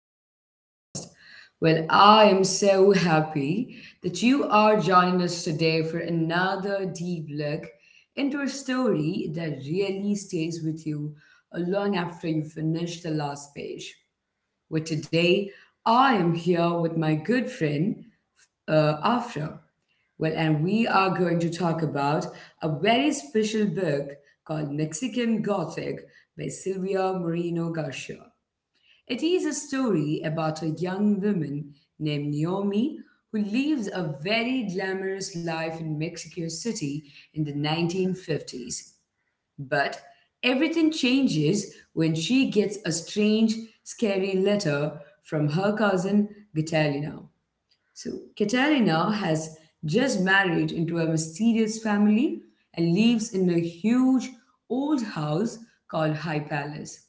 to our podcast. Well, I am so happy that you are joining us today for another deep look into a story that really stays with you long after you finish the last page. Well, today I am here with my good friend after. Well, and we are going to talk about a very special book called Mexican Gothic by Silvia Moreno Garcia. It is a story about a young woman named Naomi who lives a very glamorous life in Mexico City in the 1950s. But everything changes when she gets a strange, scary letter from her cousin Catalina. So Katerina has just married into a mysterious family and lives in a huge old house called High Palace,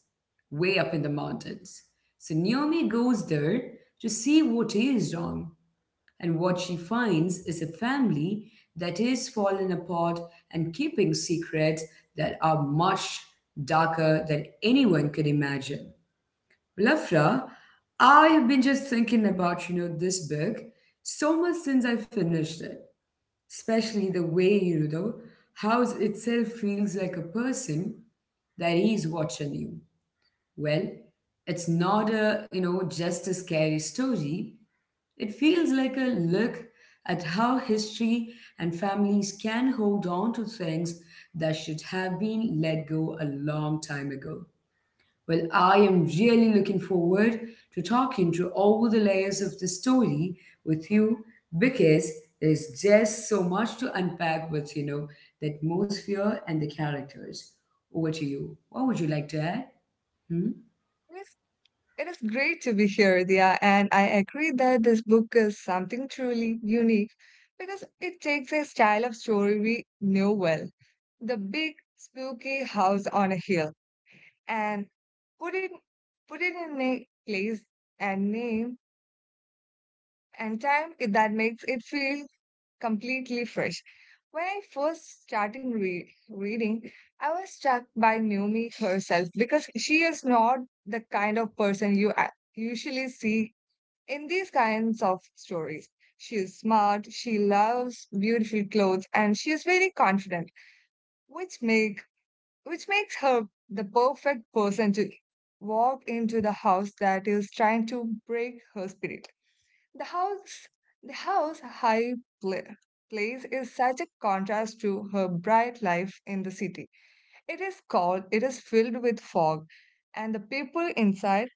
way up in the mountains. So Naomi goes there to see what is wrong, and what she finds is a family that is fallen apart and keeping secrets that are much darker than anyone could imagine. Lafra, I've been just thinking about this book so much since I finished it, especially the way the house itself feels like a person that is watching you. Well, it's not a just a scary story. It feels like a look at how history and families can hold on to things that should have been let go a long time ago. Well, I am really looking forward to talking to all the layers of the story with you because there's just so much to unpack with the atmosphere and the characters. Over to you. What would you like to add? Hmm? Yes, it is great to be here, Dia, and I agree that this book is something truly unique because it takes a style of story we know well, the big spooky house on a hill, and put it put it in a place and name and time that makes it feel completely fresh. When I first started reading, I was struck by Naomi herself because she is not the kind of person you usually see in these kinds of stories. She is smart, she loves beautiful clothes, and she is very confident, which make which makes her the perfect person to walk into the house that is trying to break her spirit. The house, the house high pla- place is such a contrast to her bright life in the city. It is cold, it is filled with fog, and the people inside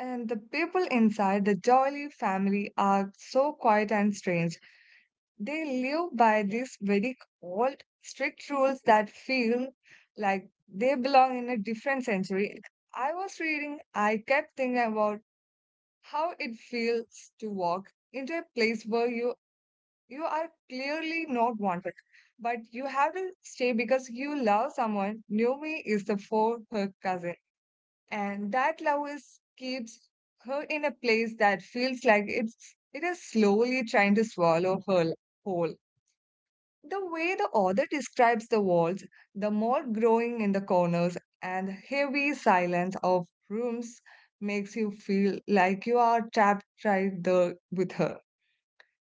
and the people inside the jolly family are so quiet and strange. They live by these very old, strict rules that feel like they belong in a different century. I was reading, I kept thinking about how it feels to walk into a place where you are clearly not wanted, but you have to stay because you love someone. Naomi is the for her cousin, and that love is keeps her in a place that feels like it is slowly trying to swallow her whole. The way the author describes the walls, the mold growing in the corners, and the heavy silence of rooms makes you feel like you are trapped right there with her.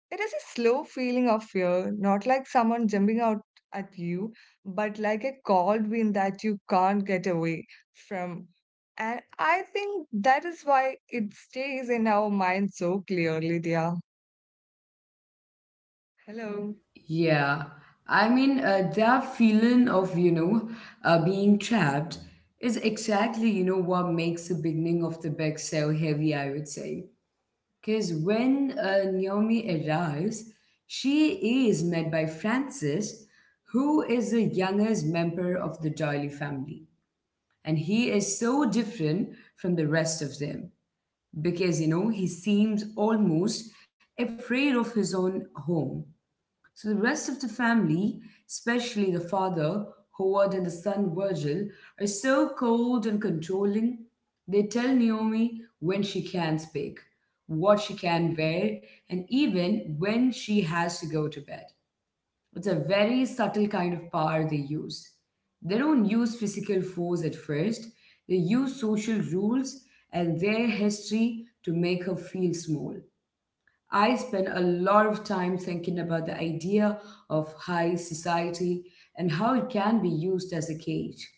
It is a slow feeling of fear, not like someone jumping out at you, but like a cold wind that you can't get away from. And I think that is why it stays in our mind so clearly, dear. Hello. Yeah, I mean, that feeling of being trapped is exactly what makes the beginning of the best so heavy, I would say. Because when Naomi arrives, she is met by Francis, who is the youngest member of the Doyle family. And he is so different from the rest of them because he seems almost afraid of his own home. So the rest of the family, especially the father, Howard, and the son, Virgil, are so cold and controlling. They tell Naomi when she can speak, what she can wear, and even when she has to go to bed. It's a very subtle kind of power they use. They don't use physical force at first, they use social rules and their history to make her feel small. I spend a lot of time thinking about the idea of high society and how it can be used as a cage.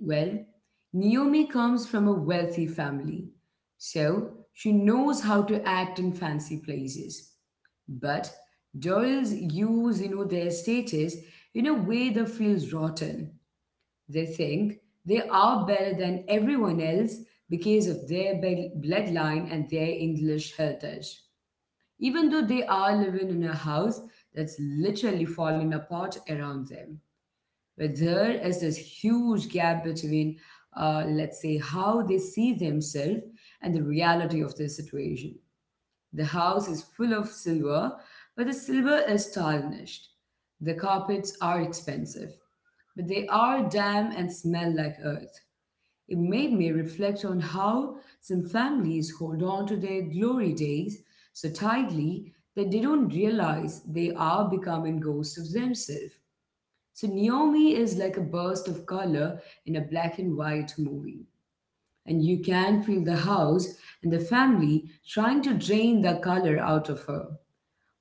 Well, Naomi comes from a wealthy family, so she knows how to act in fancy places. But Doyle's use their status in a way that feels rotten. They think they are better than everyone else because of their bloodline and their English heritage even though they are living in a house that's literally falling apart around them. But there is this huge gap between, let's say, how they see themselves and the reality of their situation. The house is full of silver, but the silver is tarnished. The carpets are expensive, but they are damp and smell like earth. It made me reflect on how some families hold on to their glory days so tightly that they don't realize they are becoming ghosts of themselves. So Naomi is like a burst of color in a black and white movie. And you can feel the house and the family trying to drain the color out of her.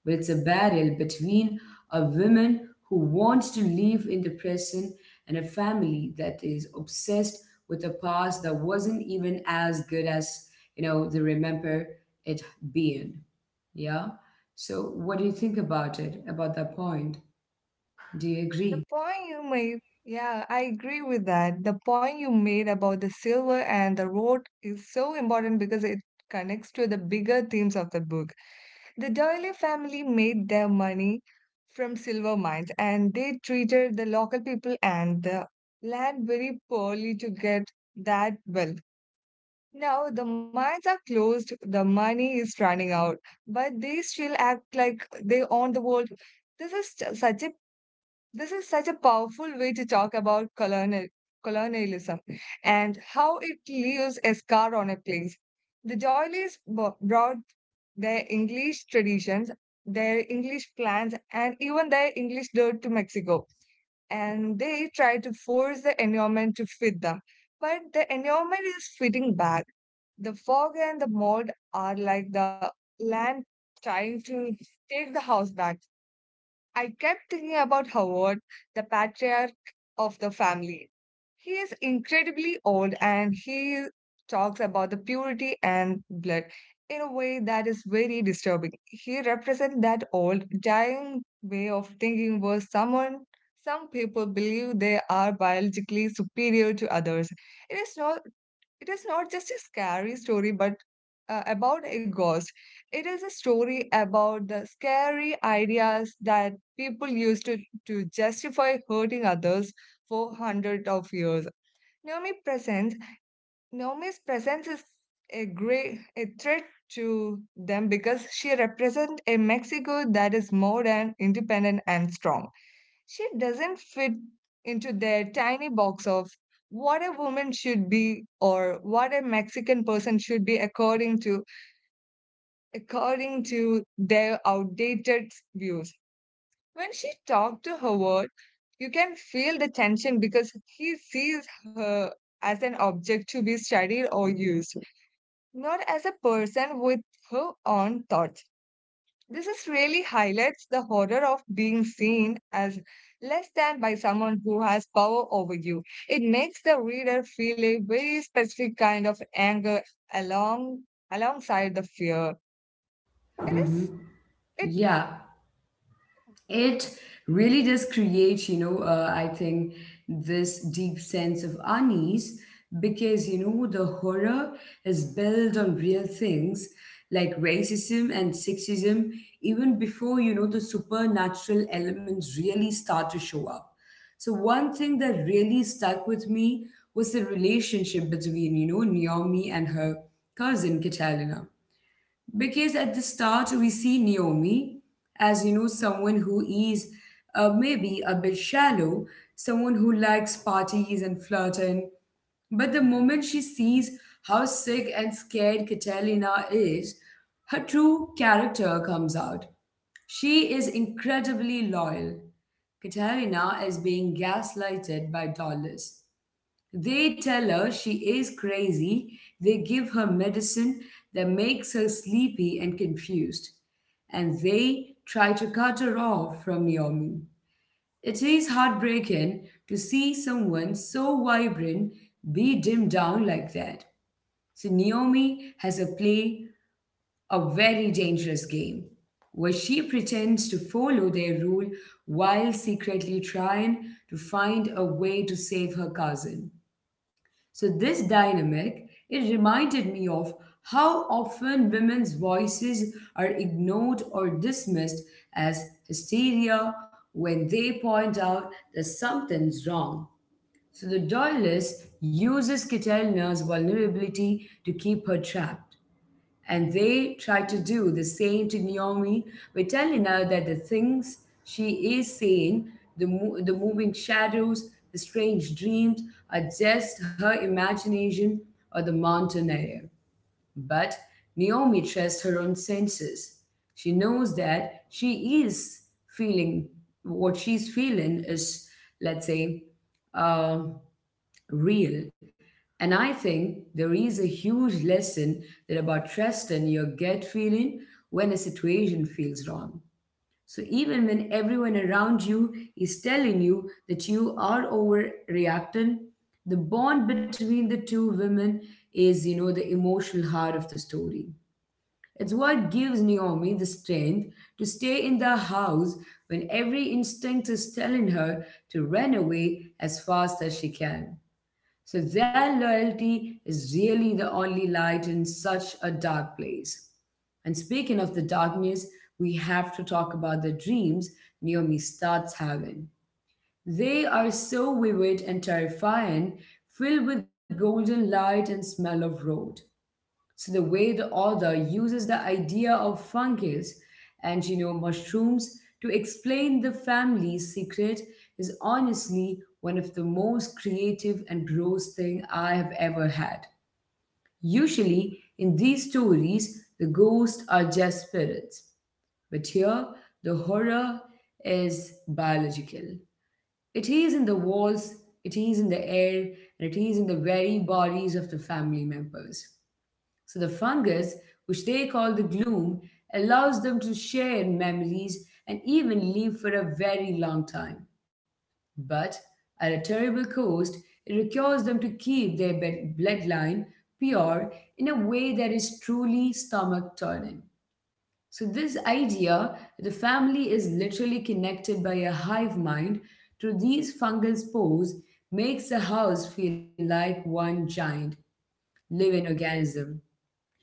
But it's a battle between a woman who wants to live in the present and a family that is obsessed with a past that wasn't even as good as they remember it being. Yeah. So, what do you think about it, about that point? Do you The agree? point you made, yeah, I agree with that. The point you made about the silver and the road is so important because it connects to the bigger themes of the book. The Doyle family made their money from silver mines, and they treated the local people and the land very poorly to get that wealth. Now the mines are closed, the money is running out, but they still act like they own the world. This is ju- such a this is such a powerful way to talk about colonialism and how it leaves a scar on a place. The Doilies brought their English traditions, their English plans, and even their English dirt to Mexico. And they tried to force the environment to fit them. But the environment is fitting back. The fog and the mold are like the land trying to take the house back. I kept thinking about Howard, the patriarch of the family. He is incredibly old, and he talks about the purity and blood in a way that is very disturbing. He represents that old, dying way of thinking where some people believe they are biologically superior to others. It is not it is not just a scary story, but about a ghost. It is a story about the scary ideas that people used to justify hurting others for hundreds of years. Naomi presents Naomi's presence is a threat to them because she represents a Mexico that is modern, independent, and strong. She doesn't fit into their tiny box of what a woman should be or what a Mexican person should be according to their outdated views. When she talked to Howard, you can feel the tension because he sees her as an object to be studied or used, not as a person with her own thoughts. This is really highlights the horror of being seen as less than by someone who has power over you. It makes the reader feel a very specific kind of anger along alongside the fear. It Hmm. is it Yeah. It really does create, I think, this deep sense of unease because the horror is built on real things like racism and sexism even before the supernatural elements really start to show up. So one thing that really stuck with me was the relationship between Naomi and her cousin Catalina because at the start we see Naomi as someone who is maybe a bit shallow, someone who likes parties and flirting. But the moment she sees how sick and scared Catalina is, her true character comes out. She is incredibly loyal. Catalina is being gaslighted by Dollars. They tell her she is crazy. They give her medicine that makes her sleepy and confused. And they try to cut her off from Naomi. It is heartbreaking to see someone so vibrant be dimmed down like that. So Naomi has a play a very dangerous game where she pretends to follow their rule while secretly trying to find a way to save her cousin. So this dynamic, it reminded me of how often women's voices are ignored or dismissed as hysteria when they point out that something's wrong. So the Doylist uses Catalina's vulnerability to keep her trapped. And they try to do the same to Naomi by telling her that the things she is seeing, the moving shadows, the strange dreams, are just her imagination or the mountain air. But Naomi trusts her own senses. She knows that she is feeling what she's feeling is, let's say, uh, real. And I think there is a huge lesson there about trusting your gut feeling when a situation feels wrong. So even when everyone around you is telling you that you are overreacting, the bond between the two women is the emotional heart of the story. It's what gives Naomi the strength to stay in the house when every instinct is telling her to run away as fast as she can. So their loyalty is really the only light in such a dark place. And speaking of the darkness, we have to talk about the dreams Naomi starts having. They are so vivid and terrifying, filled with golden light and smell of road. So the way the author uses the idea of fungus and mushrooms to explain the family's secret is honestly one of the most creative and gross thing I have ever had. Usually in these stories the ghosts are just spirits, but here the horror is biological. It is in the walls, it is in the air, and it is in the very bodies of the family members. So the fungus, which they call the gloom, allows them to share memories and even live for a very long time. But at a terrible cost, it requires them to keep their bloodline pure in a way that is truly stomach turning. So, this idea that the family is literally connected by a hive mind through these fungal spores makes the house feel like one giant living organism.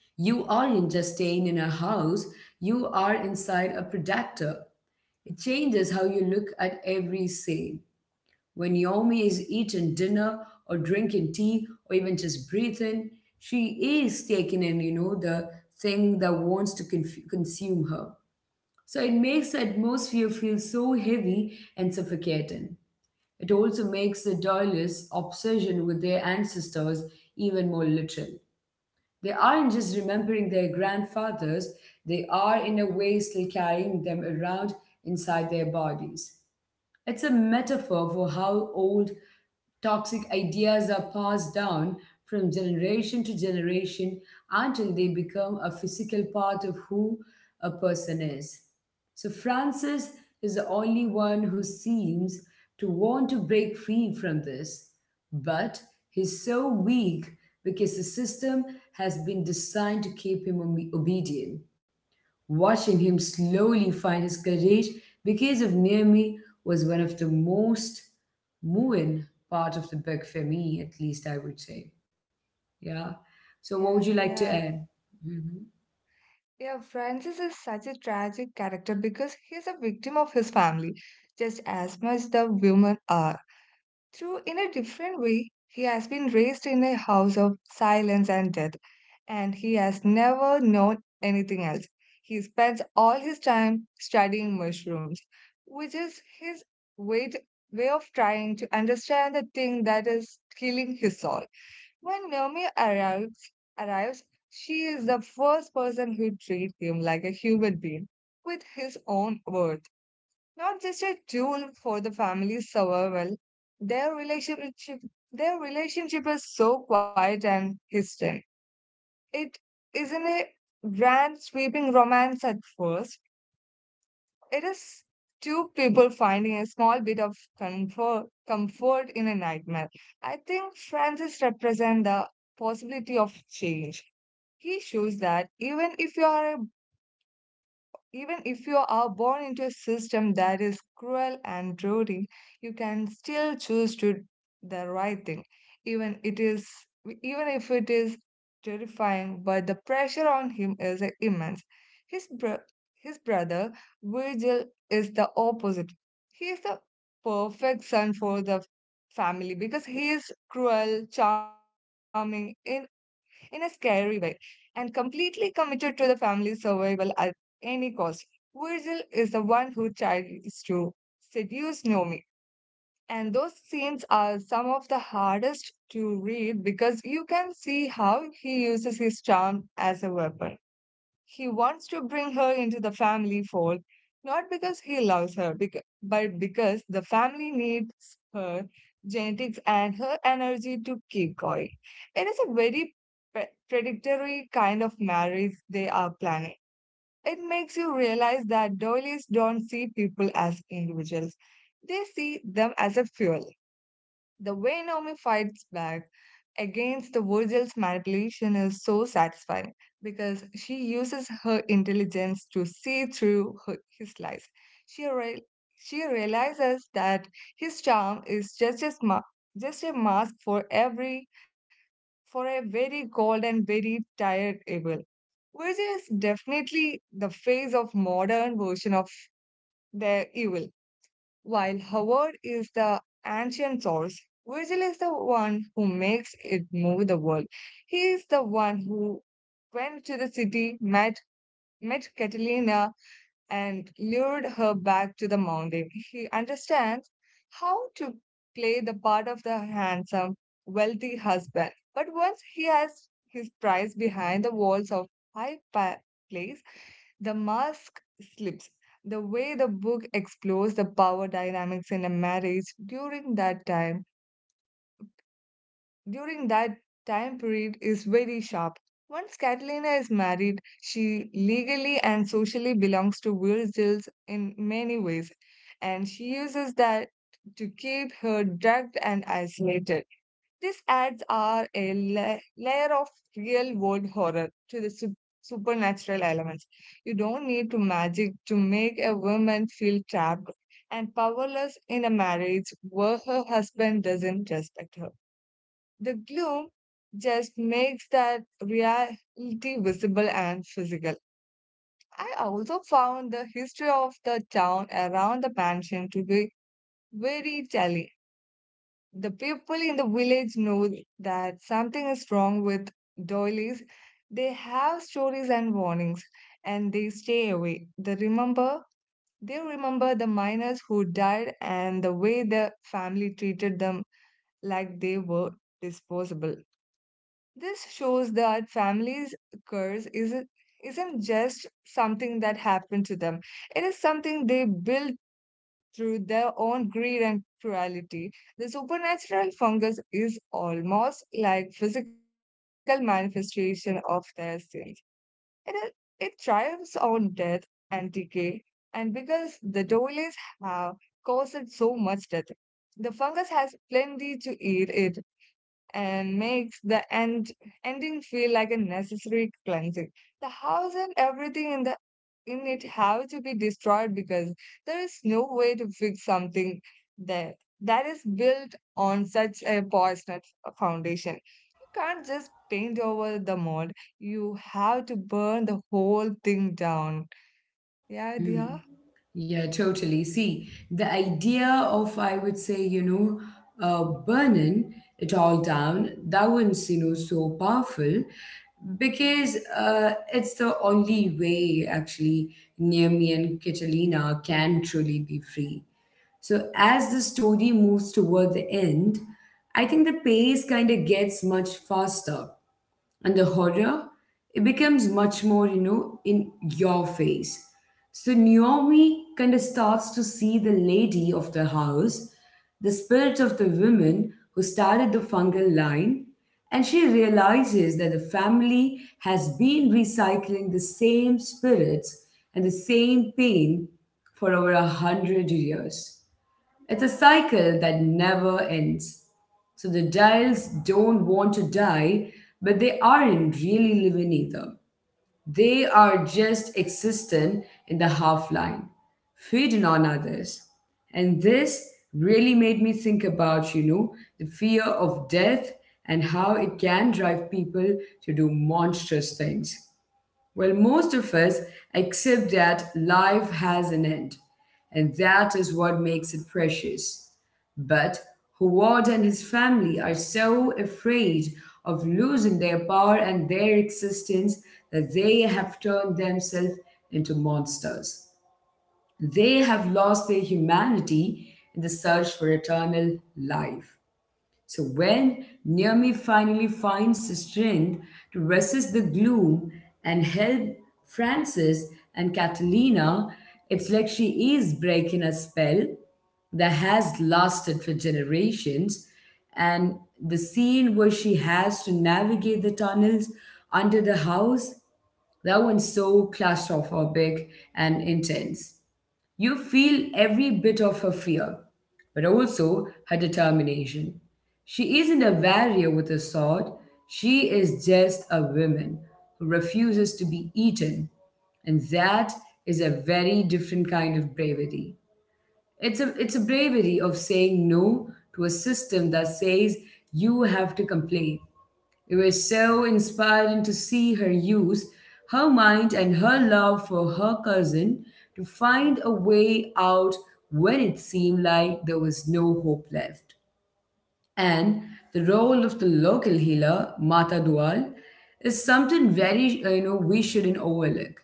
You aren't just staying in a house, you are inside a predator. It changes how you look at every sale. When Naomi is eating dinner or drinking tea or even just breathing, she is taking in the thing that wants to consume her. So it makes the atmosphere feel so heavy and suffocating. It also makes the Doylists' obsession with their ancestors even more literal. They aren't just remembering their grandfathers, they are, in a way, still carrying them around inside their bodies. It's a metaphor for how old toxic ideas are passed down from generation to generation until they become a physical part of who a person is. So, Francis is the only one who seems to want to break free from this, but he's so weak because the system has been designed to keep him obedient. Watching him slowly find his courage because of Naomi was one of the most moving part of the book for me, at least I would say. Yeah. So what would you yeah, like to yeah. add? Mhm. Yeah, Francis is such a tragic character because he's a victim of his family, just as much the women are. Through in a different way, he has been raised in a house of silence and death, and he has never known anything else. He spends all his time studying mushrooms, which is his way, to, way of trying to understand the thing that is killing his soul. When Naomi arrives, she is the first person who treats him like a human being with his own worth, not just a tool for the family's survival. Their relationship, their relationship is so quiet and distant, it isn't a grand sweeping romance at first. It is two people finding a small bit of comfort in a nightmare. I think Francis represents the possibility of change. He shows that even if you are born into a system that is cruel and rude, you can still choose to do the right thing. Even it is even if it is terrifying, but the pressure on him is immense. His bro- his brother Virgil is the opposite. He is the perfect son for the family because he is cruel, charming, in a scary way, and completely committed to the family's survival at any cost. Virgil is the one who tries to seduce Nomi. And those scenes are some of the hardest to read because you can see how he uses his charm as a weapon. He wants to bring her into the family fold, not because he loves her, but because the family needs her genetics and her energy to keep going. It is a very predictory kind of marriage they are planning. It makes you realize that doilies don't see people as individuals. They see them as a fuel. The way Naomi fights back against the Virgil's manipulation is so satisfying because she uses her intelligence to see through his lies. She real, she realizes that his charm is just a just a mask for every for a very cold and very tired evil. Virgil is definitely the face of modern version of their evil. While Howard is the ancient source, Virgil is the one who makes it move the world. He is the one who went to the city, met Catalina, and lured her back to the mountain. He understands how to play the part of the handsome, wealthy husband. But once he has his prize behind the walls of high pa- place, the mask slips. The way the book explores the power dynamics in a marriage during that time period is very sharp. Once Catalina is married, she legally and socially belongs to Virgil's in many ways, and she uses that to keep her drugged and isolated. These ads are a layer of real world horror to the supernatural elements. You don't need to magic to make a woman feel trapped and powerless in a marriage where her husband doesn't respect her. The gloom just makes that reality visible and physical. I also found the history of the town around the mansion to be very telling. The people in the village know that something is wrong with doilies. They have stories and warnings, and they stay away. They remember the miners who died and the way the family treated them like they were disposable. This shows that families curse isn't just something that happened to them. It is something they build through their own greed and cruelty. The supernatural fungus is almost like physical manifestation of their sins. It, is, it triumphs on death and decay, and because the dolies have caused so much death, the fungus has plenty to eat it and makes the ending feel like a necessary cleansing. The house and everything in the in it have to be destroyed because there is no way to fix something there that is built on such a poisonous foundation. You can't just paint over the mold. You have to burn the whole thing down. Yeah, dear. Mhm. Yeah, totally. See, the idea of, I would say, burning it all down, that one's so powerful because it's the only way actually Naomi and Catalina can truly be free. So as the story moves toward the end, I think the pace kind of gets much faster and the horror it becomes much more in your face. So Naomi kind of starts to see the lady of the house, the spirit of the woman who started the fungal line, and she realizes that the family has been recycling the same spirits and the same pain for over 100 years. It's a cycle that never ends. So the dials don't want to die, but they aren't really living either. They are just existent in the half line, feeding on others. And this really made me think about the fear of death and how it can drive people to do monstrous things. Well, most of us accept that life has an end, and that is what makes it precious. But Howard and his family are so afraid of losing their power and their existence that they have turned themselves into monsters. They have lost their humanity in the search for eternal life. So when Naomi finally finds the strength to resist the gloom and help Francis and Catalina, it's like she is breaking a spell that has lasted for generations. And the scene where she has to navigate the tunnels under the house, that one's so claustrophobic and intense. You feel every bit of her fear, but also her determination. She isn't a warrior with a sword, she is just a woman who refuses to be eaten. And that is a very different kind of bravery. It's a bravery of saying no to a system that says you have to complain. It was so inspiring to see her use her mind and her love for her cousin to find a way out when it seemed like there was no hope left. And the role of the local healer, Mata Dual, is something very, we shouldn't overlook.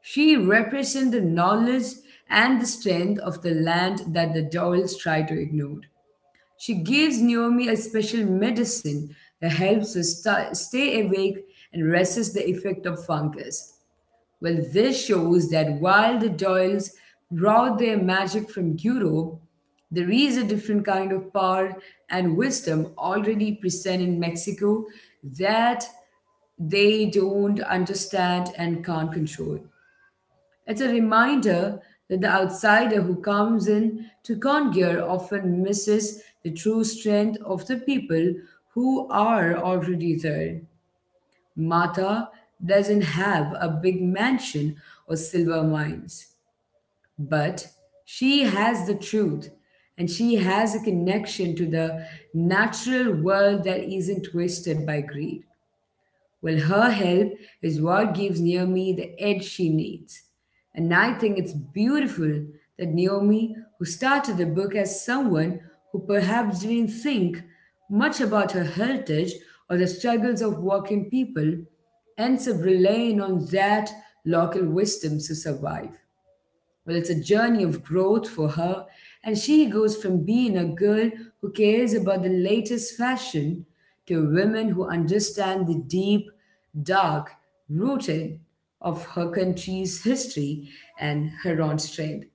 She represents the knowledge and the strength of the land that the Doyles try to ignore. She gives Naomi a special medicine that helps her stay awake and resists the effect of fungus. Well, this shows that while the Doyles brought their magic from Europe, there is a different kind of power and wisdom already present in Mexico that they don't understand and can't control. It's a reminder that the outsider who comes in to Conquer often misses the true strength of the people who are already there. Mata doesn't have a big mansion or silver mines, but she has the truth and she has a connection to the natural world that isn't twisted by greed. Well, her help is what gives Naomi the edge she needs. And I think it's beautiful that Naomi, who started the book as someone who perhaps didn't think much about her heritage or the struggles of working people, ends up relying on that local wisdom to survive. Well, it's a journey of growth for her, and she goes from being a girl who cares about the latest fashion to women who understand the deep, dark rooted of her country's history and her own strength.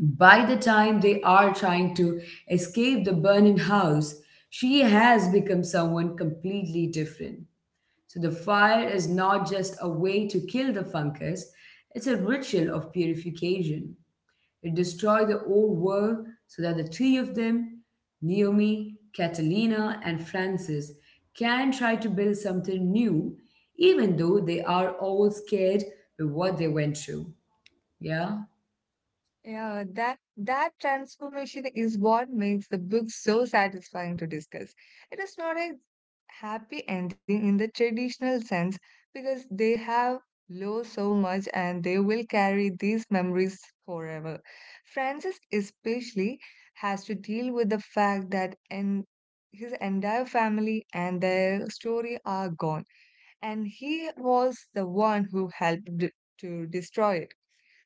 By the time they are trying to escape the burning house, she has become someone completely different. So the fire is not just a way to kill the fungus, it's a ritual of purification. It destroyed the old world so that the three of them, Naomi, Catalina, and Francis, can try to build something new, even though they are all scared with what they went through. Yeah? Yeah, that transformation is what makes the book so satisfying to discuss. It is not a happy ending in the traditional sense because they have lost so much, and they will carry these memories forever. Francis especially has to deal with the fact that and his entire family and their story are gone, and he was the one who helped to destroy it.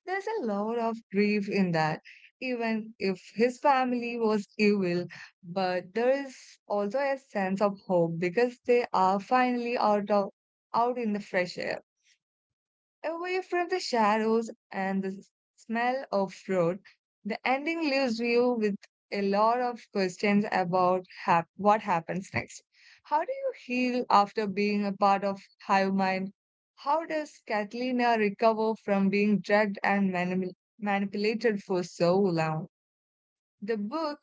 There's a lot of grief in that. Even if his family was evil, but there is also a sense of hope because they are finally out in the fresh air. Away from the shadows and the smell of road, the ending leaves you with a lot of questions about what happens next. How do you heal after being a part of hive mind? How does Catalina recover from being drugged and manipulated for so long? The book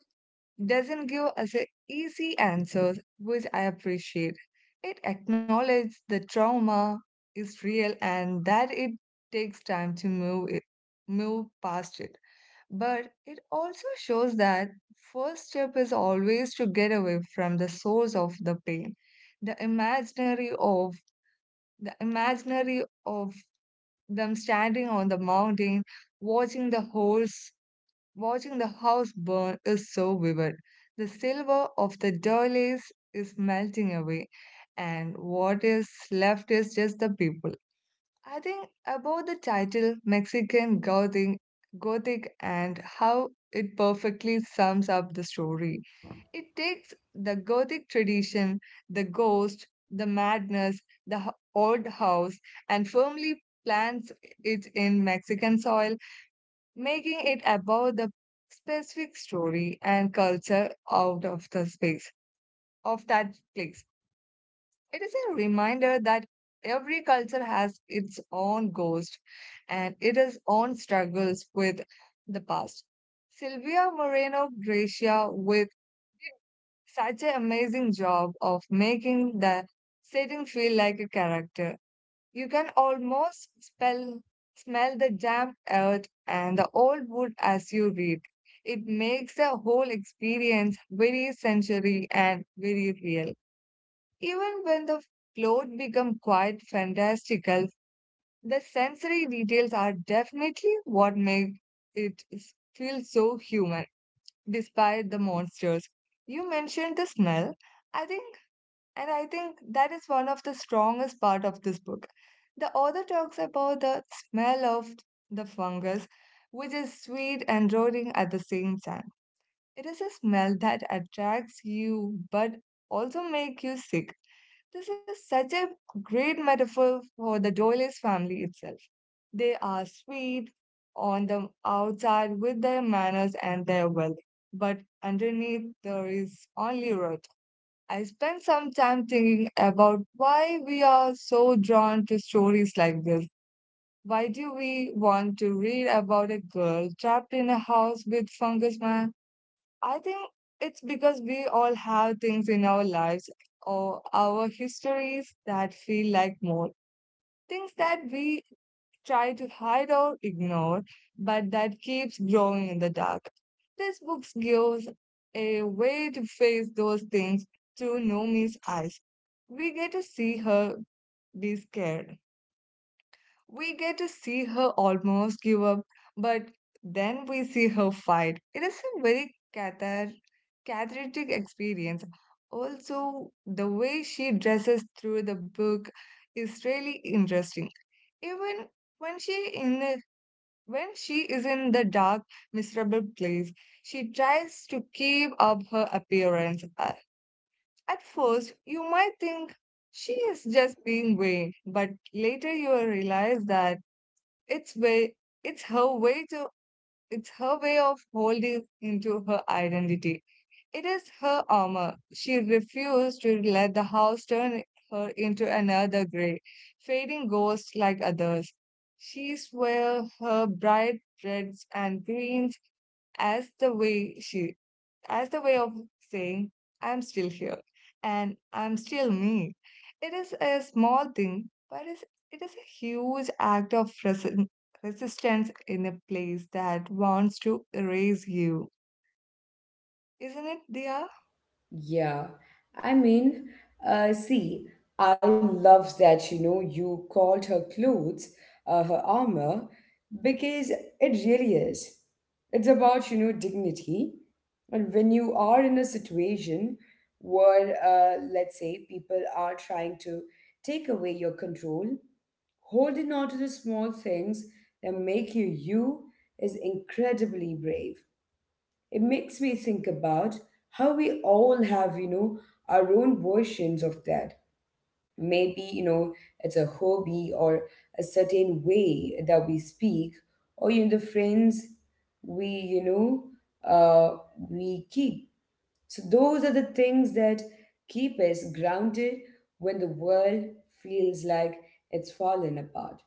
doesn't give us a easy answers, which I appreciate. It acknowledges the trauma is real and that it takes time to move past it. But it also shows that first step is always to get away from the source of the pain, the imaginary of the imaginary of them standing on the mountain, watching the horse Watching the house burn is so vivid. The silver of the doilies is melting away, and what is left is just the people. I think about the title Gothic and how it perfectly sums up the story. It takes the Gothic tradition, the ghost, the madness, the old house, and firmly plants it in Mexican soil, making it about the specific story and culture out of the space of that place. It is a reminder that every culture has its own ghost and its own struggles with the past. Silvia Moreno Gracia with such an amazing job of making the setting feel like a character you can almost smell the damp earth and the old wood as you read. It makes the whole experience very sensory and very real. Even when the plot become quite fantastical, the sensory details are definitely what make it feel so human, despite the monsters. You mentioned the smell. I think and I think that is one of the strongest part of this book. The author talks about the smell of the fungus, which is sweet and rotting at the same time. It is a smell that attracts you but also make you sick. This is such a great metaphor for the Doyle's family itself. They are sweet on the outside with their manners and their wealth, but underneath there is only rot. I spent some time thinking about why we are so drawn to stories like this. Why do we want to read about a girl trapped in a house with fungus man? I think it's because we all have things in our lives or our histories that feel like more things that we try to hide or ignore, but that keeps growing in the dark. This book gives a way to face those things through Nomi's eyes. We get to see her be scared. We get to see her almost give up, but then we see her fight. It is a very cathartic experience. Also, the way she dresses through the book is really interesting. Even when she in when she is in the dark, miserable place, she tries to keep up her appearance. At first, you might think she is just being vain, but later you will realize that it's way, it's her way to, it's her way of holding into her identity. It is her armor. She refused to let the house turn her into another gray, fading ghost like others. She swore her bright reds and greens as the way she as the way of saying, I'm still here and I'm still me. It is a small thing, but it is a huge act of resistance in a place that wants to erase you. Isn't it, Dia? Yeah, I mean, see, I love that you called her clothes her armor because it really is. It's about dignity, and when you are in a situation where let's say people are trying to take away your control, holding on to the small things that make you you is incredibly brave. It makes me think about how we all have, our own versions of that. Maybe, it's a hobby or a certain way that we speak, or the friends we, you know, uh, we keep. So those are the things that keep us grounded when the world feels like it's fallen apart.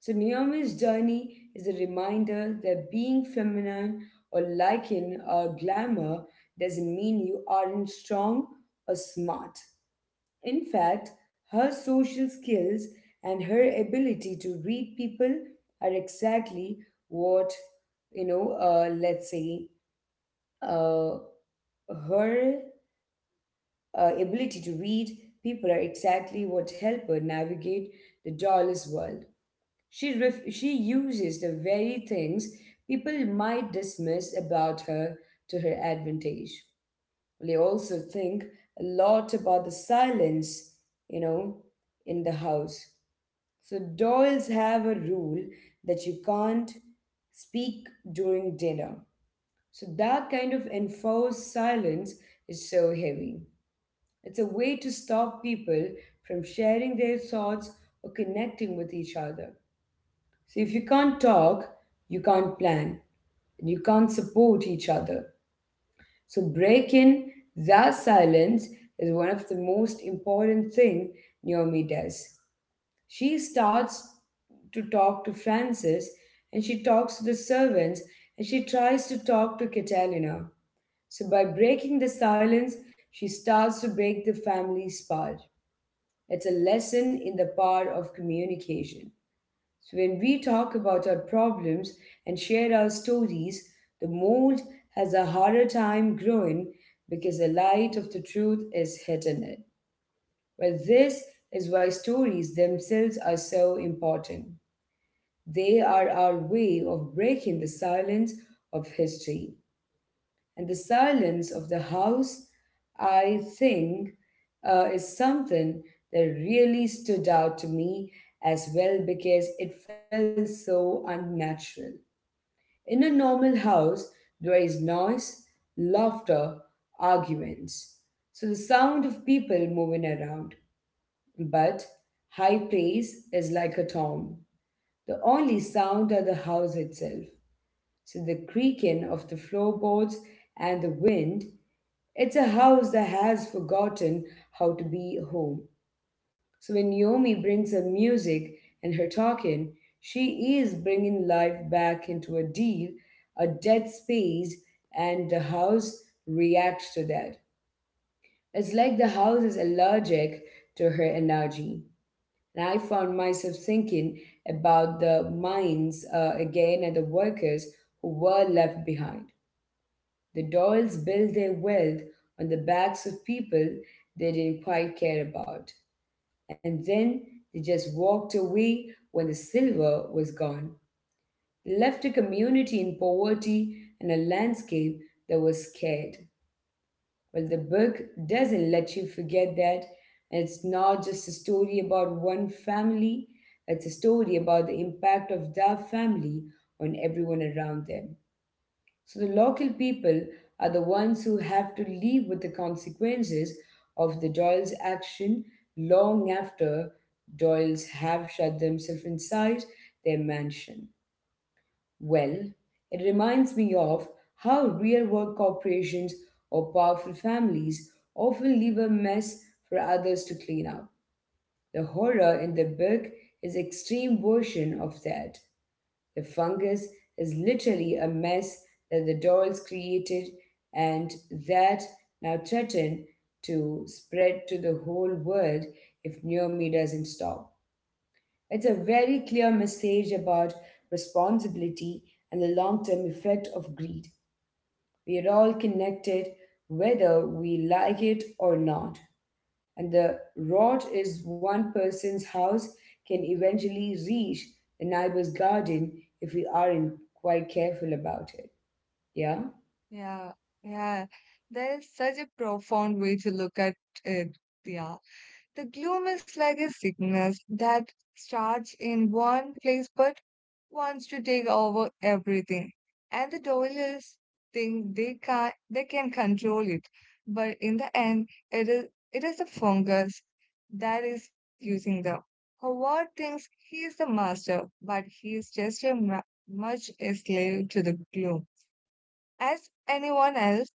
So Naomi's journey is a reminder that being feminine or lacking glamour doesn't mean you aren't strong or smart. In fact, her social skills and her ability to read people are exactly what let's say uh, her ability to read people are exactly what help her navigate the dollars world. She uses the very things people might dismiss about her to her advantage. They also think a lot about the silence, you know, in the house. So Doyle's have a rule that you can't speak during dinner. So that kind of enforced silence is so heavy. It's a way to stop people from sharing their thoughts or connecting with each other. So if you can't talk, you can't plan, and you can't support each other. So breaking that silence is one of the most important thing Naomi does. She starts to talk to Francis, and she talks to the servants, and she tries to talk to Catalina. So by breaking the silence, she starts to break the family's part. It's a lesson in the power of communication. So when we talk about our problems and share our stories, the mold has a harder time growing because the light of the truth is hidden it. Well, this is why stories themselves are so important. They are our way of breaking the silence of history. And the silence of the house, I think, is something that really stood out to me as well because it felt so unnatural. In a normal house, there is noise, laughter, arguments. So the sound of people moving around. But high praise is like a tomb. The only sound are the house itself. So the creaking of the floorboards and the wind it's a house that has forgotten how to be home. So when Naomi brings her music and her talking, she is bringing life back into a dead space, and the house reacts to that. It's like the house is allergic to her energy. And I found myself thinking about the mines again and the workers who were left behind. The Doyles built their wealth on the backs of people they didn't quite care about. And then they just walked away when the silver was gone. They left a community in poverty and a landscape that was scared. Well, the book doesn't let you forget that. And it's not just a story about one family, it's a story about the impact of that family on everyone around them. So the local people are the ones who have to live with the consequences of the Doyle's action long after Doyle's have shut themselves inside their mansion. Well, it reminds me of how real world corporations or powerful families often leave a mess for others to clean up. The horror in the book is extreme version of that. The fungus is literally a mess that the dolls created and that now threaten to spread to the whole world if Naomi doesn't stop. It's a very clear message about responsibility and the long term effect of greed. We are all connected whether we like it or not and the rod is one person's house can eventually reach the neighbor's garden if we aren't quite careful about it. Yeah, Yeah, yeah. There is such a profound way to look at it. Yeah. The gloom is like a sickness that starts in one place but wants to take over everything. And the Doyles think they can control it. But in the end it is the fungus that is using them. Howard thinks he is the master, but he is just a ma much a slave to the gloom as anyone else.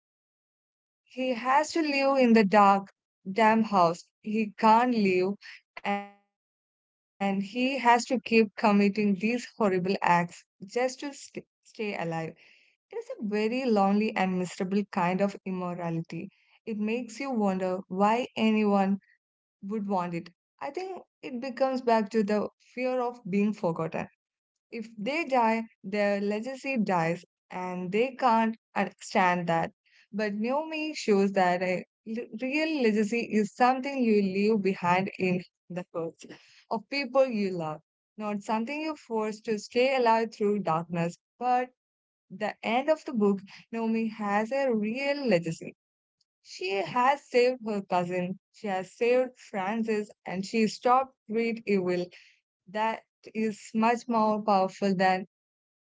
He has to live in the dark, damn house. He can't live, and he has to keep committing these horrible acts just to stay alive. It is a very lonely and miserable kind of immorality. It makes you wonder why anyone would want it. I think it becomes back to the fear of being forgotten. If they die, their legacy dies, and they can't understand that. But Naomi shows that a real legacy is something you leave behind in the hearts of people you love, not something you force to stay alive through darkness. But the end of the book, Naomi has a real legacy. She has saved her cousin, she has saved Francis, and she stopped great evil that is much more powerful than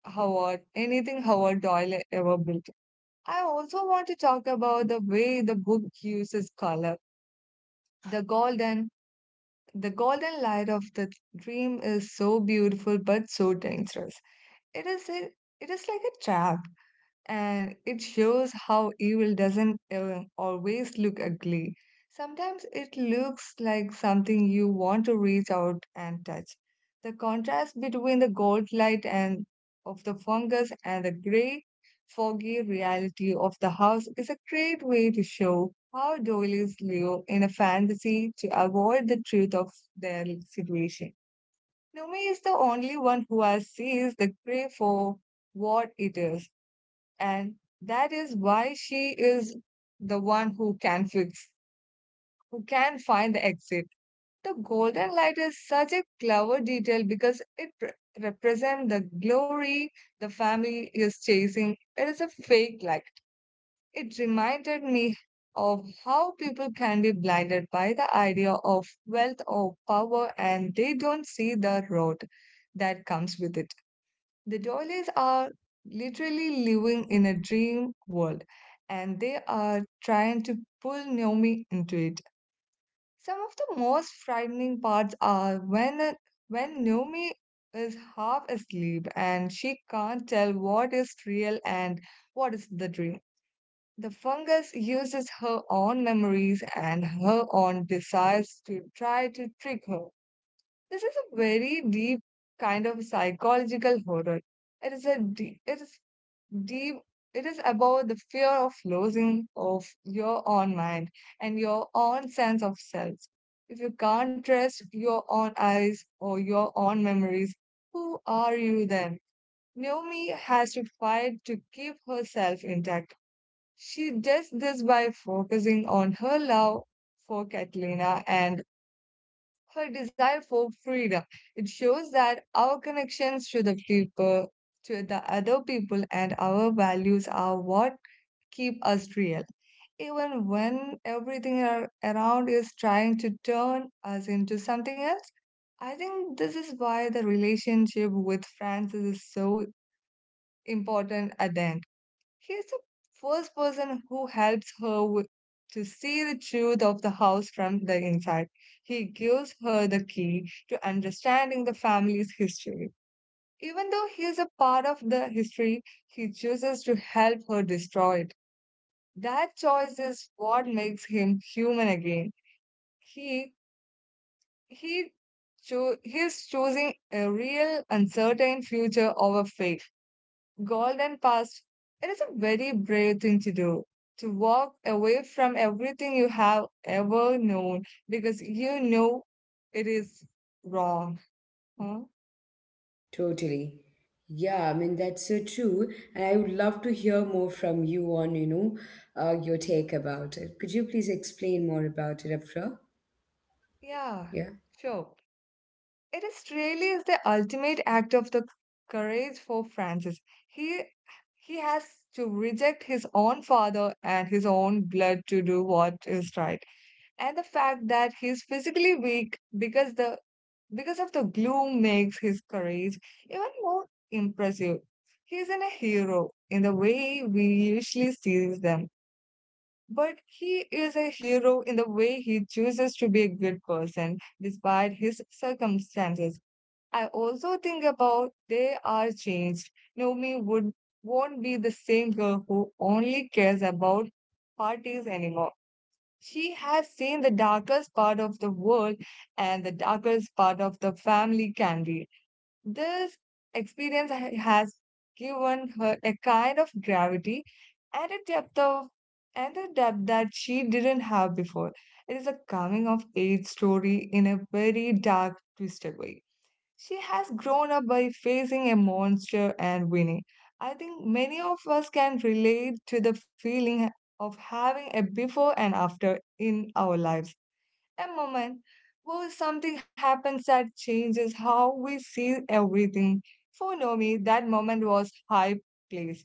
Anything Howard Doyle ever built. I also want to talk about the way the book uses color. The golden, the golden light of the dream is so beautiful but so dangerous. It is a, it is like a trap, and it shows how evil doesn't even always look ugly. Sometimes it looks like something you want to reach out and touch. The contrast between the gold light and of the fungus and the gray, foggy reality of the house is a great way to show how doilies live in a fantasy to avoid the truth of their situation. Numi is the only one who has sees the gray for what it is. And that is why she is the one who can who can find the exit. The golden light is such a clever detail because it represents the glory the family is chasing. It is a fake light. It reminded me of how people can be blinded by the idea of wealth or power, and they don't see the road that comes with it. The doilies are literally living in a dream world, and they are trying to pull Naomi into it. Some of the most frightening parts are when Naomi is half asleep and she can't tell what is real and what is the dream. The fungus uses her own memories and her own desires to try to trick her. This is a very deep kind of psychological horror. It is a it is deep. It is about the fear of losing of your own mind and your own sense of self. If you can't trust your own eyes or your own memories, who are you then? Naomi has to fight to keep herself intact. She does this by focusing on her love for Catalina and her desire for freedom. It shows that our connections to the other people and our values are what keep us real, even when everything around is trying to turn us into something else. I think this is why the relationship with Francis is so important at the end. He is the first person who helps to see the truth of the house from the inside. He gives her the key to understanding the family's history. Even though he is a part of the history, he chooses to help her destroy it. That choice is what makes him human again. He he cho- he's choosing a real uncertain future over fake golden past. It is a very brave thing to do. To walk away from everything you have ever known because you know it is wrong. Huh? totally. Yeah, I mean that's so true, and I would love to hear more from you on your take about it. Could you please explain more about it, Afra? Yeah, Yeah. sure. It is really is the ultimate act of the courage for Francis. He he has to reject his own father and his own blood to do what is right. And the fact that he is physically weak because of the gloom makes his courage even more impressive. He isn't a hero in the way we usually see them. But he is a hero in the way he chooses to be a good person despite his circumstances. I also think about they are changed. Naomi would won't be the same girl who only cares about parties anymore. She has seen the darkest part of the world and the darkest part of the family can be. This experience has given her a kind of gravity and a depth of and a depth that she didn't have before. It is a coming of age story in a very dark, twisted way. She has grown up by facing a monster and winning. I think many of us can relate to the feeling of having a before and after in our lives. A moment where something happens that changes how we see everything. For Nomi, that moment was high place,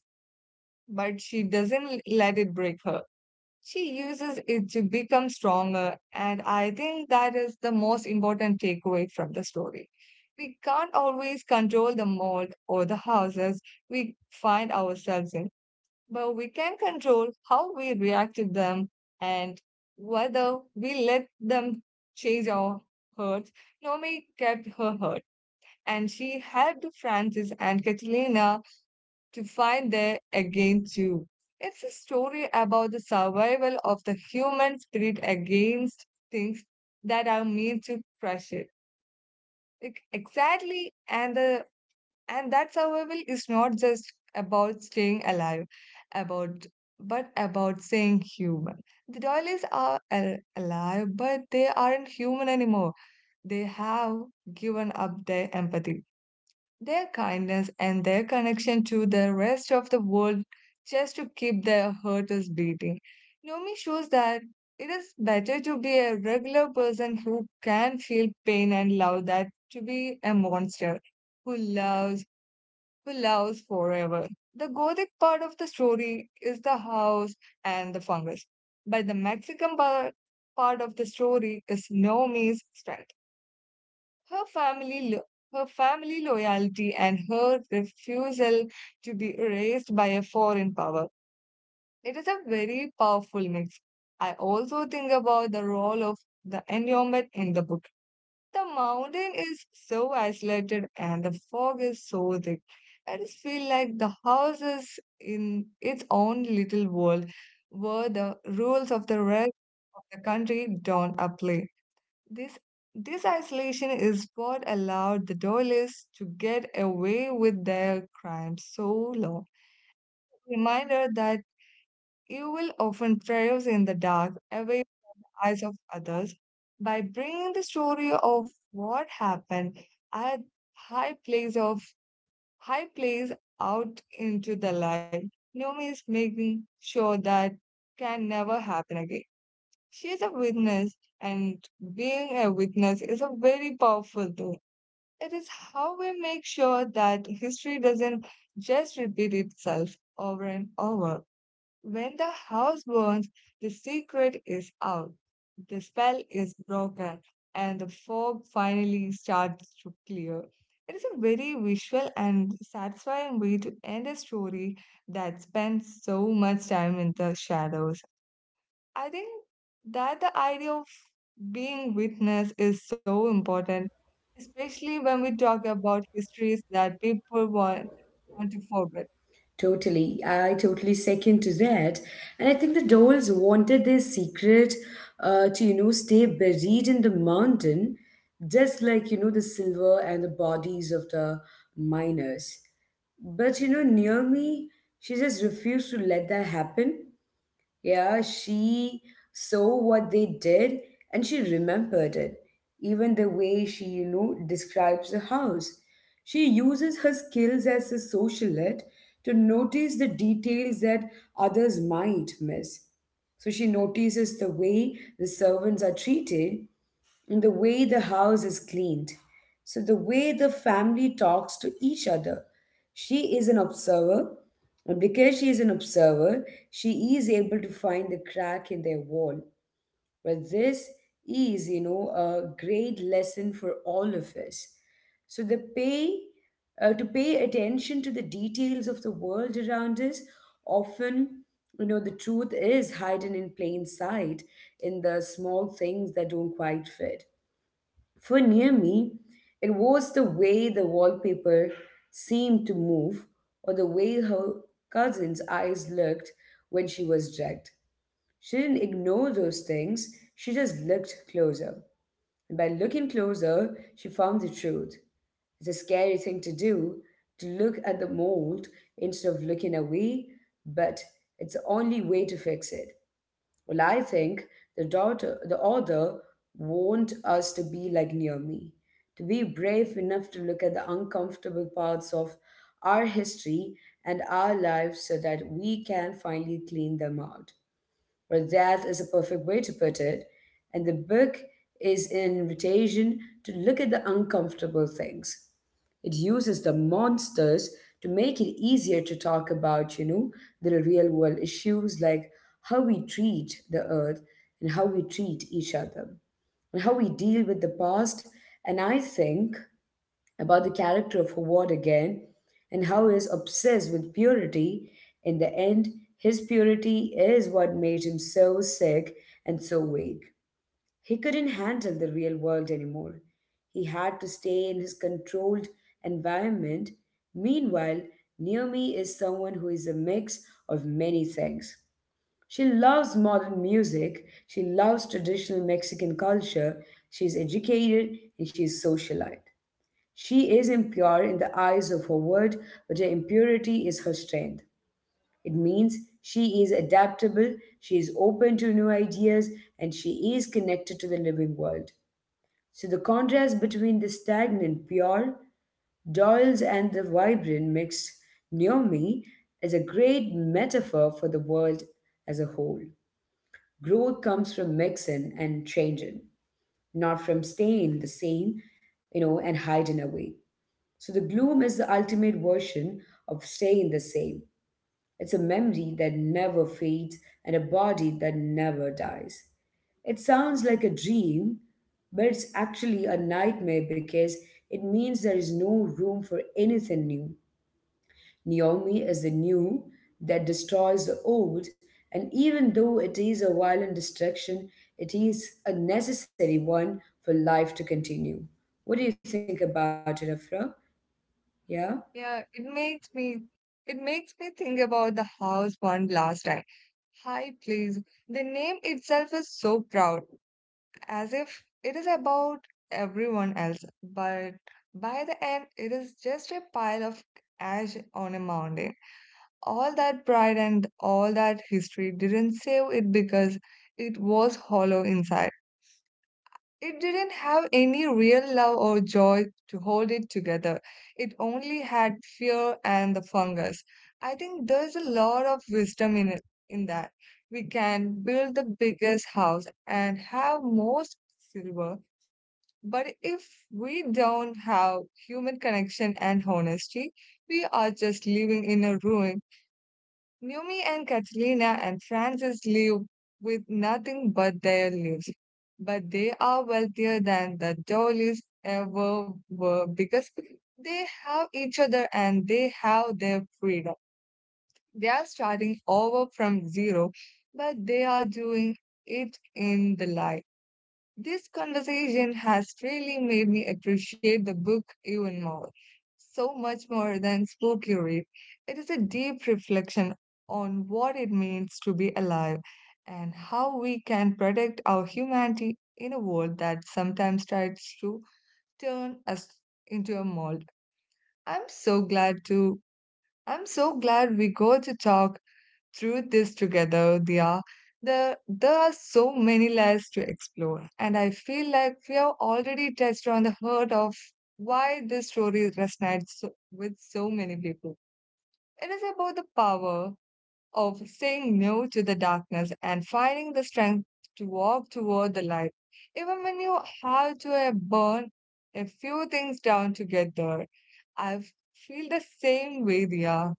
but she doesn't let it break her. She uses it to become stronger, and I think that is the most important takeaway from the story. We can't always control the mold or the houses we find ourselves in, but we can control how we react to them and whether we let them change our hurts. Naomi kept her hurt, and she helped Francis and Catalina to find there again too. It's a story about the survival of the human spirit against things that are made to crush it. Like, exactly, and the and that survival is not just about staying alive, about but about staying human. The doilies are alive, but they aren't human anymore. They have given up their empathy, their kindness, and their connection to the rest of the world just to keep their hearts beating. Nomi shows that it is better to be a regular person who can feel pain and love that to be a monster who loves, who loves forever. The Gothic part of the story is the house and the fungus, but the Mexican part of the story is Nomi's strength. Her her family loyalty and her refusal to be erased by a foreign power. It is a very powerful mix. I also think about the role of the environment in the book. The mountain is so isolated and the fog is so thick. I just feel like the house is in its own little world where the rules of the rest of the country don't apply. This this isolation is what allowed the Doylists to get away with their crimes so long. Reminder that evil often thrives in the dark, away from the eyes of others. By bringing the story of what happened at high place of high place out into the light, Numi is making sure that can never happen again. She is a witness, and being a witness is a very powerful tool. It is how we make sure that history doesn't just repeat itself over and over. When the house burns, the secret is out, the spell is broken, and the fog finally starts to clear. It is a very visual and satisfying way to end a story that spends so much time in the shadows. I think that the idea of being witness is so important, especially when we talk about histories that people want to forget. Totally. I totally second to that. And I think the dolls wanted their secret to, stay buried in the mountain, just like, the silver and the bodies of the miners. But, near me, she just refused to let that happen. Yeah, she saw what they did and she remembered it. Even the way she, describes the house. She uses her skills as a socialite to notice the details that others might miss. So she notices the way the servants are treated and the way the house is cleaned. So, the way the family talks to each other. She is an observer, and because she is an observer, she is able to find the crack in their wall. But this is, a great lesson for all of us. So, the pay to pay attention to the details of the world around us often the truth is hidden in plain sight in the small things that don't quite fit for near me, it was the way the wallpaper seemed to move or the way her cousin's eyes looked when she was dragged. She didn't ignore those things, she just looked closer. And by looking closer, she found the truth. It's a scary thing to do, to look at the mold instead of looking away, but it's the only way to fix it. Well, I think the author want us to be like Naomi, to be brave enough to look at the uncomfortable parts of our history and our lives so that we can finally clean them out. Well, that is a perfect way to put it. And the book is an invitation to look at the uncomfortable things. It uses the monsters to make it easier to talk about, the real world issues like how we treat the earth and how we treat each other and how we deal with the past. And I think about the character of Howard again and how he's obsessed with purity. In the end, his purity is what made him so sick and so weak. He couldn't handle the real world anymore. He had to stay in his controlled environment. Meanwhile, Naomi is someone who is a mix of many things. She loves modern music, she loves traditional Mexican culture, she's educated, and she's socialite. She is impure in the eyes of her world, but her impurity is her strength. It means she is adaptable, she is open to new ideas, and she is connected to the living world. So the contrast between the stagnant, pure Doyles and the vibrant, mixed Naomi is a great metaphor for the world as a whole. Growth comes from mixing and changing, not from staying the same, you know, and hiding away. So the gloom is the ultimate version of staying the same. It's a memory that never fades and a body that never dies. It sounds like a dream, but it's actually a nightmare because it means there is no room for anything new. Naomi is the new that destroys the old, and even though it is a violent destruction, it is a necessary one for life to continue. What do you think about it, Afra? Yeah? Yeah, it makes me think about the house one last time. High place. The name itself is so proud, as if it is about everyone else, but by the end it is just a pile of ash on a mountain. All that pride and all that history didn't save it because it was hollow inside. It didn't have any real love or joy to hold it together. It only had fear and the fungus. I think there's a lot of wisdom in in that. We can build the biggest house and have most silver, but if we don't have human connection and honesty, we are just living in a ruin. Numi and Katrina and Francis live with nothing but their lives, but they are wealthier than the Jollies ever were because they have each other and they have their freedom. They are starting over from zero, but they are doing it in the light. This conversation has really made me appreciate the book even more, so much more than spooky read. It is a deep reflection on what it means to be alive and how we can protect our humanity in a world that sometimes tries to turn us into a mold. I'm so glad to I'm so glad we got to talk through this together, Dia. There are so many layers to explore, and I feel like we have already touched on the heart of why this story resonates with so many people. It is about the power of saying no to the darkness and finding the strength to walk toward the light, even when you have to burn a few things down to get there. I feel the same way, Dia.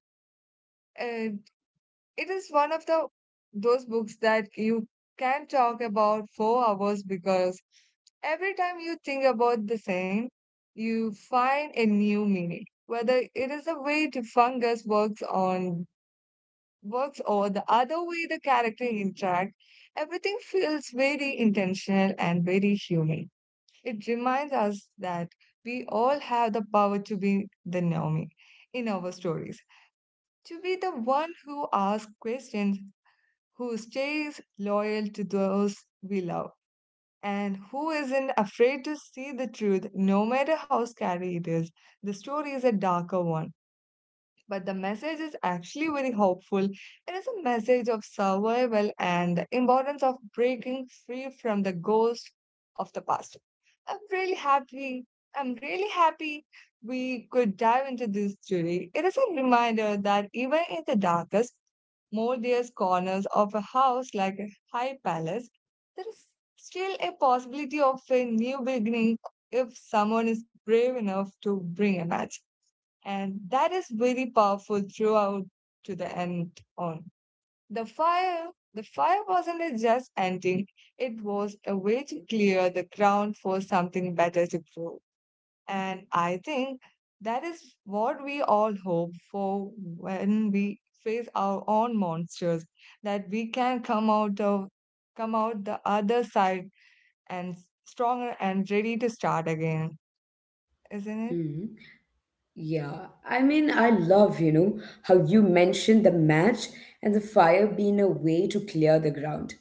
It is one of the those books that you can talk about for hours because every time you think about the same, you find a new meaning. Whether it is the way the fungus works or the other way the character interact, everything feels very intentional and very human. It reminds us that we all have the power to be the Naomi in our stories, to be the one who asks questions, who stays loyal to those we love, and who isn't afraid to see the truth no matter how scary it is. The story is a darker one, but the message is actually very hopeful. It is a message of survival and the importance of breaking free from the ghost of the past. I'm really happy. I'm really happy we could dive into this today. It is a reminder that even in the darkest, moldiest corners of a house like a high palace, there is still a possibility of a new beginning if someone is brave enough to bring a match, and that is very powerful throughout to the end. On the fire, the fire wasn't just ending, it was a way to clear the ground for something better to grow. And I think that is what we all hope for when we face our own monsters, that we can come out the other side and stronger and ready to start again, isn't it? Hmm. Yeah, I mean, I love, you know, how you mentioned the match and the fire being a way to clear the ground,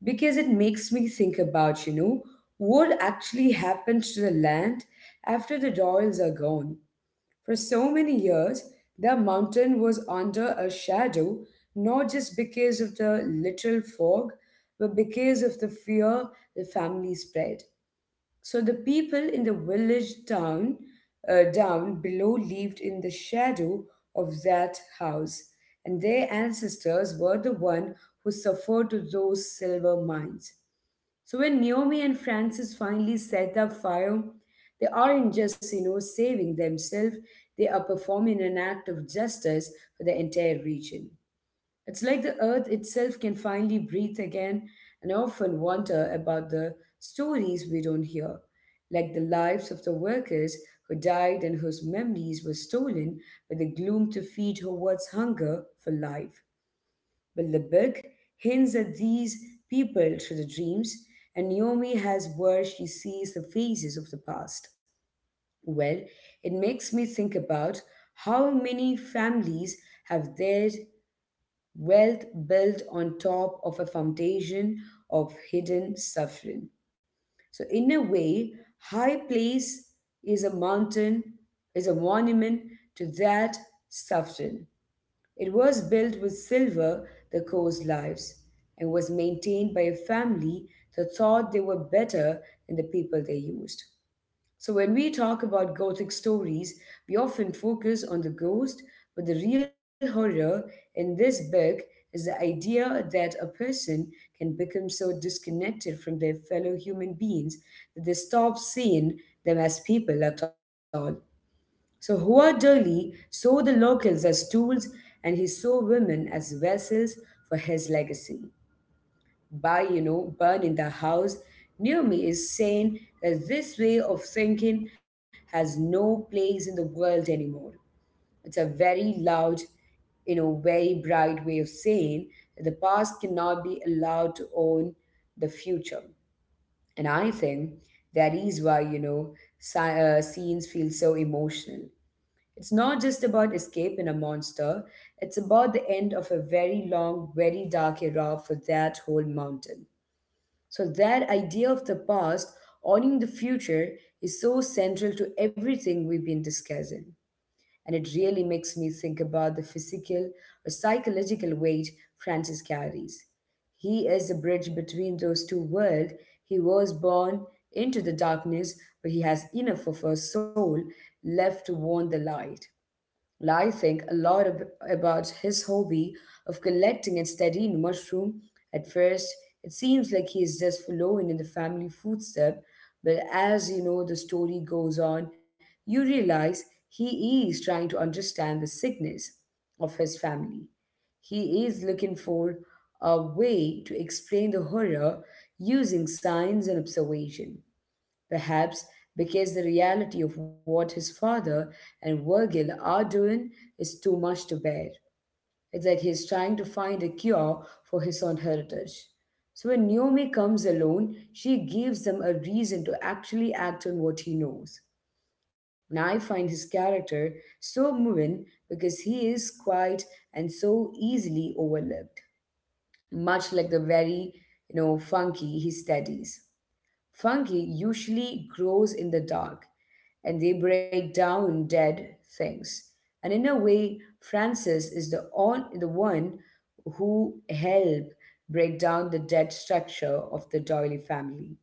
because it makes me think about, you know, what actually happened to the land after the royals are gone. For so many years, the mountain was under a shadow, not just because of the literal fog, but because of the fear the family spread. So the people in the village town down below lived in the shadow of that house, and their ancestors were the one who suffered to those silver mines. So when Naomi and Francis finally set up fire, they aren't just, you know, saving themselves; they are performing an act of justice for the entire region. It's like the earth itself can finally breathe again, and I often wonder about the stories we don't hear, like the lives of the workers who died and whose memories were stolen by the gloom to feed Howard's hunger for life. But the book hints at these people through the dreams, and Naomi has where she sees the faces of the past. Well, it makes me think about how many families have their wealth built on top of a foundation of hidden suffering. So, in a way, high place is a mountain, is a monument to that suffering. It was built with silver that caused lives and was maintained by a family that thought they were better than the people they used. So, when we talk about Gothic stories, we often focus on the ghost, but the real horror in this book is the idea that a person can become so disconnected from their fellow human beings that they stop seeing them as people at all. So, Hua Durley saw the locals as tools and he saw women as vessels for his legacy. By, you know, burn in the house, near me is saying that this way of thinking has no place in the world anymore. It's a very loud, you know, very bright way of saying that the past cannot be allowed to own the future. And I think that is why, you know, scenes feel so emotional. It's not just about escaping a monster. It's about the end of a very long, very dark era for that whole mountain. So, that idea of the past owning the future is so central to everything we've been discussing. And it really makes me think about the physical or psychological weight Francis carries. He is a bridge between those two worlds. He was born into the darkness, but he has enough of a soul left to warn the light. Well, I think a lot about his hobby of collecting and studying mushroom. At first, it seems like he is just following in the family footstep, but as you know the story goes on, you realize he is trying to understand the sickness of his family. He is looking for a way to explain the horror using science and observation. Perhaps because the reality of what his father and Virgil are doing is too much to bear. It's like he's trying to find a cure for his own heritage. So when Naomi comes alone, she gives them a reason to actually act on what he knows. And I find his character so moving because he is quiet and so easily overlooked, much like the very, you know, funky he studies. Fungi usually grows in the dark, and they break down dead things. And in a way, Francis is the one who help break down the dead structure of the doily family.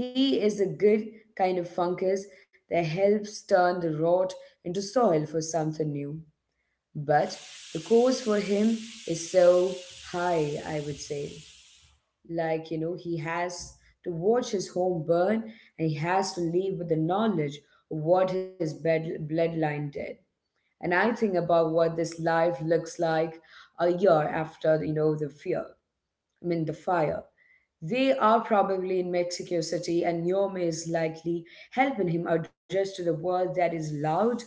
He is a good kind of fungus that helps turn the rot into soil for something new. But the cost for him is so high, I would say. Like, you know, he has to watch his home burn and he has to leave with the knowledge of what his bloodline did. And I think about what this life looks like a year after, you know, the fear, I mean, the fire. They are probably in Mexico City, and Yome is likely helping him adjust to the world that is loud,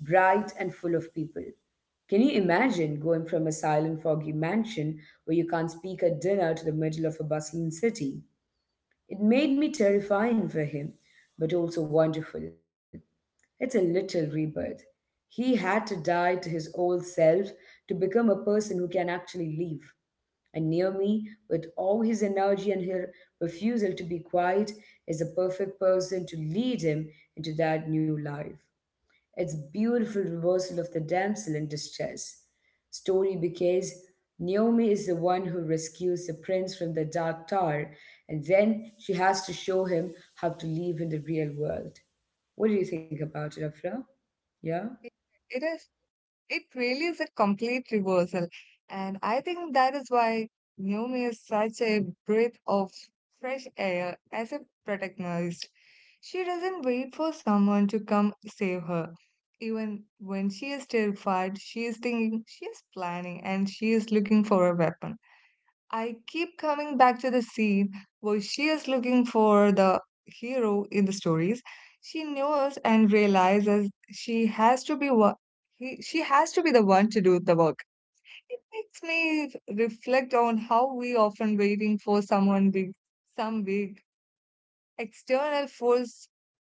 bright, and full of people. Can you imagine going from a silent, foggy mansion where you can't speak at dinner to the middle of a bustling city? It made me terrifying for him, but also wonderful. It's a little rebirth. He had to die to his old self to become a person who can actually live. And near me, with all his energy and her refusal to be quiet, is the perfect person to lead him into that new life. It's beautiful reversal of the damsel in distress story because Naomi is the one who rescues the prince from the dark tower and then she has to show him how to live in the real world. What do you think about it, Afra? Yeah? It is It really is a complete reversal. And I think that is why Noom is such a breath of fresh air as a protagonist. She doesn't wait for someone to come save her. Even when she is terrified, she is thinking, she is planning, and she is looking for a weapon. I keep coming back to the scene where she is looking for the hero in the stories. She knows and realizes she has to be she has to be the one to do the work. It makes me reflect on how we often waiting for someone big, some big external force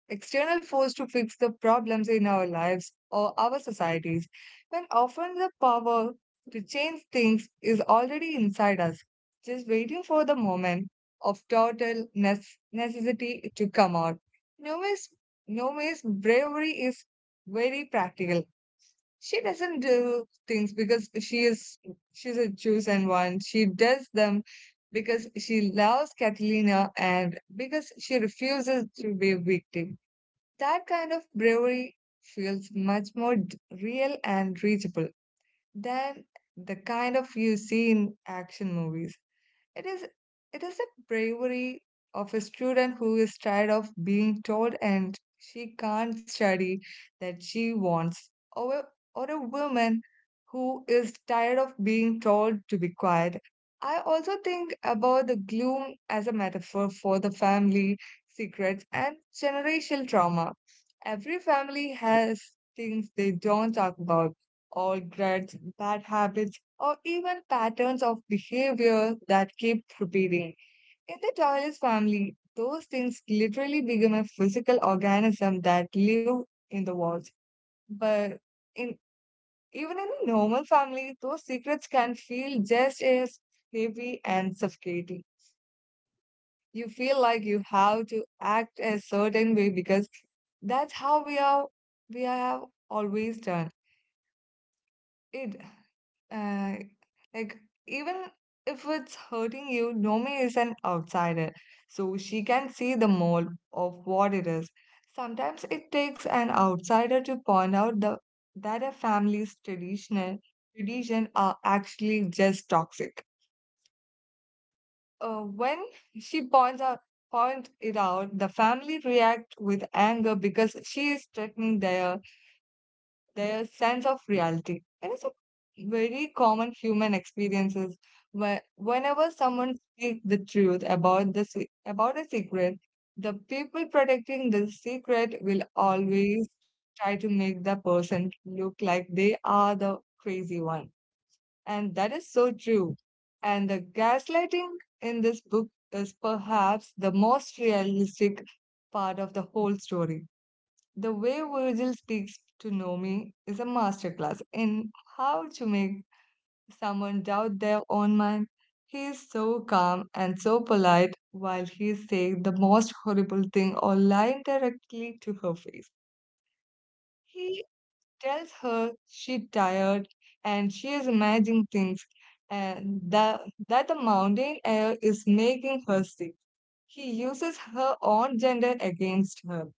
external force to fix the problems in our lives or our societies, when often the power to change things is already inside us, just waiting for the moment of total necessity to come out. Nome's, Nome's bravery is very practical. She doesn't do things because she's a chosen one. She does them because she loves Catalina and because she refuses to be a victim. That kind of bravery feels much more real and reachable than the kind of you see in action movies. It is it is a bravery of a student who is tired of being told and she can't study that she wants, or a, or a woman who is tired of being told to be quiet. I also think about the gloom as a metaphor for the family secrets and generational trauma. Every family has things they don't talk about, old grudges, bad habits, or even patterns of behavior that keep repeating. In the Toiles family, those things literally become a physical organism that live in the walls. But in even in a normal family, those secrets can feel just as heavy and suffocating. You feel like you have to act a certain way because that's how we have always done it. Uh, like, even if it's hurting you, Nomi is an outsider, so she can see the mold of what it is. Sometimes it takes an outsider to point out that a family's tradition are actually just toxic. When she point it out, the family react with anger because she is threatening their sense of reality. And it's a very common human experiences where whenever someone speaks the truth about about a secret, the people protecting the secret will always try to make the person look like they are the crazy one. And that is so true. And the gaslighting in this book is perhaps the most realistic part of the whole story. The way Virgil speaks to Nomi is a masterclass in how to make someone doubt their own mind. He is so calm and so polite while he is saying the most horrible thing or lying directly to her face. He tells her she's tired and she is imagining things and that the mountain air is making her sick. He uses her own gender against her,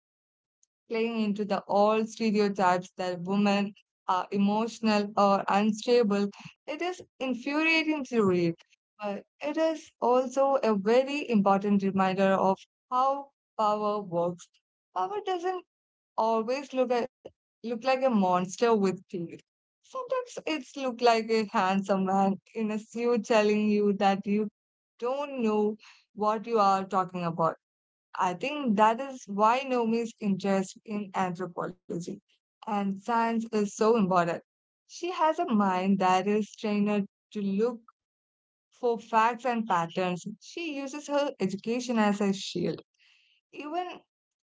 playing into the old stereotypes that women are emotional or unstable. It is infuriating to read, but it is also a very important reminder of how power works. Power doesn't always look at, look like a monster with teeth. Sometimes it's look like a handsome man in a suit telling you that you don't know what you are talking about. I think that is why Nomi's interest in anthropology and science is so important. She has a mind that is trained to look for facts and patterns. She uses her education as a shield. Even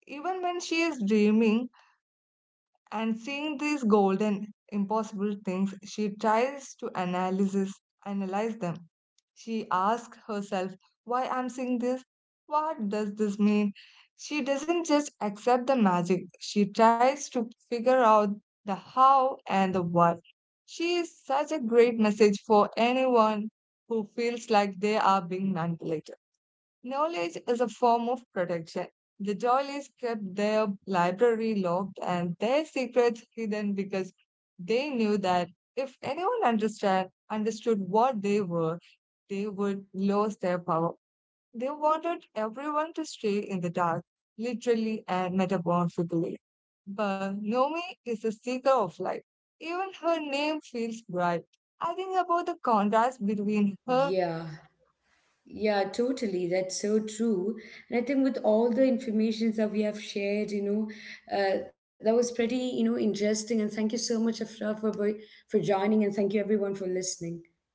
even when she is dreaming and seeing these golden, impossible things, she tries to analyze them. She asks herself, why I'm seeing this? What does this mean? She doesn't just accept the magic. She tries to figure out the how and the what. She is such a great message for anyone who feels like they are being manipulated. Knowledge is a form of protection. The Doilies kept their library locked and their secrets hidden because they knew that if understood what they were, they would lose their power. They wanted everyone to stay in the dark, literally and metaphorically. But Nomi is a seeker of light. Even her name feels bright. I think about the contrast between her Yeah, yeah, totally. That's so true. And I think with all the informations that we have shared, you know, that was pretty, you know, interesting. And thank you so much, Afra, for joining, and thank you everyone for listening.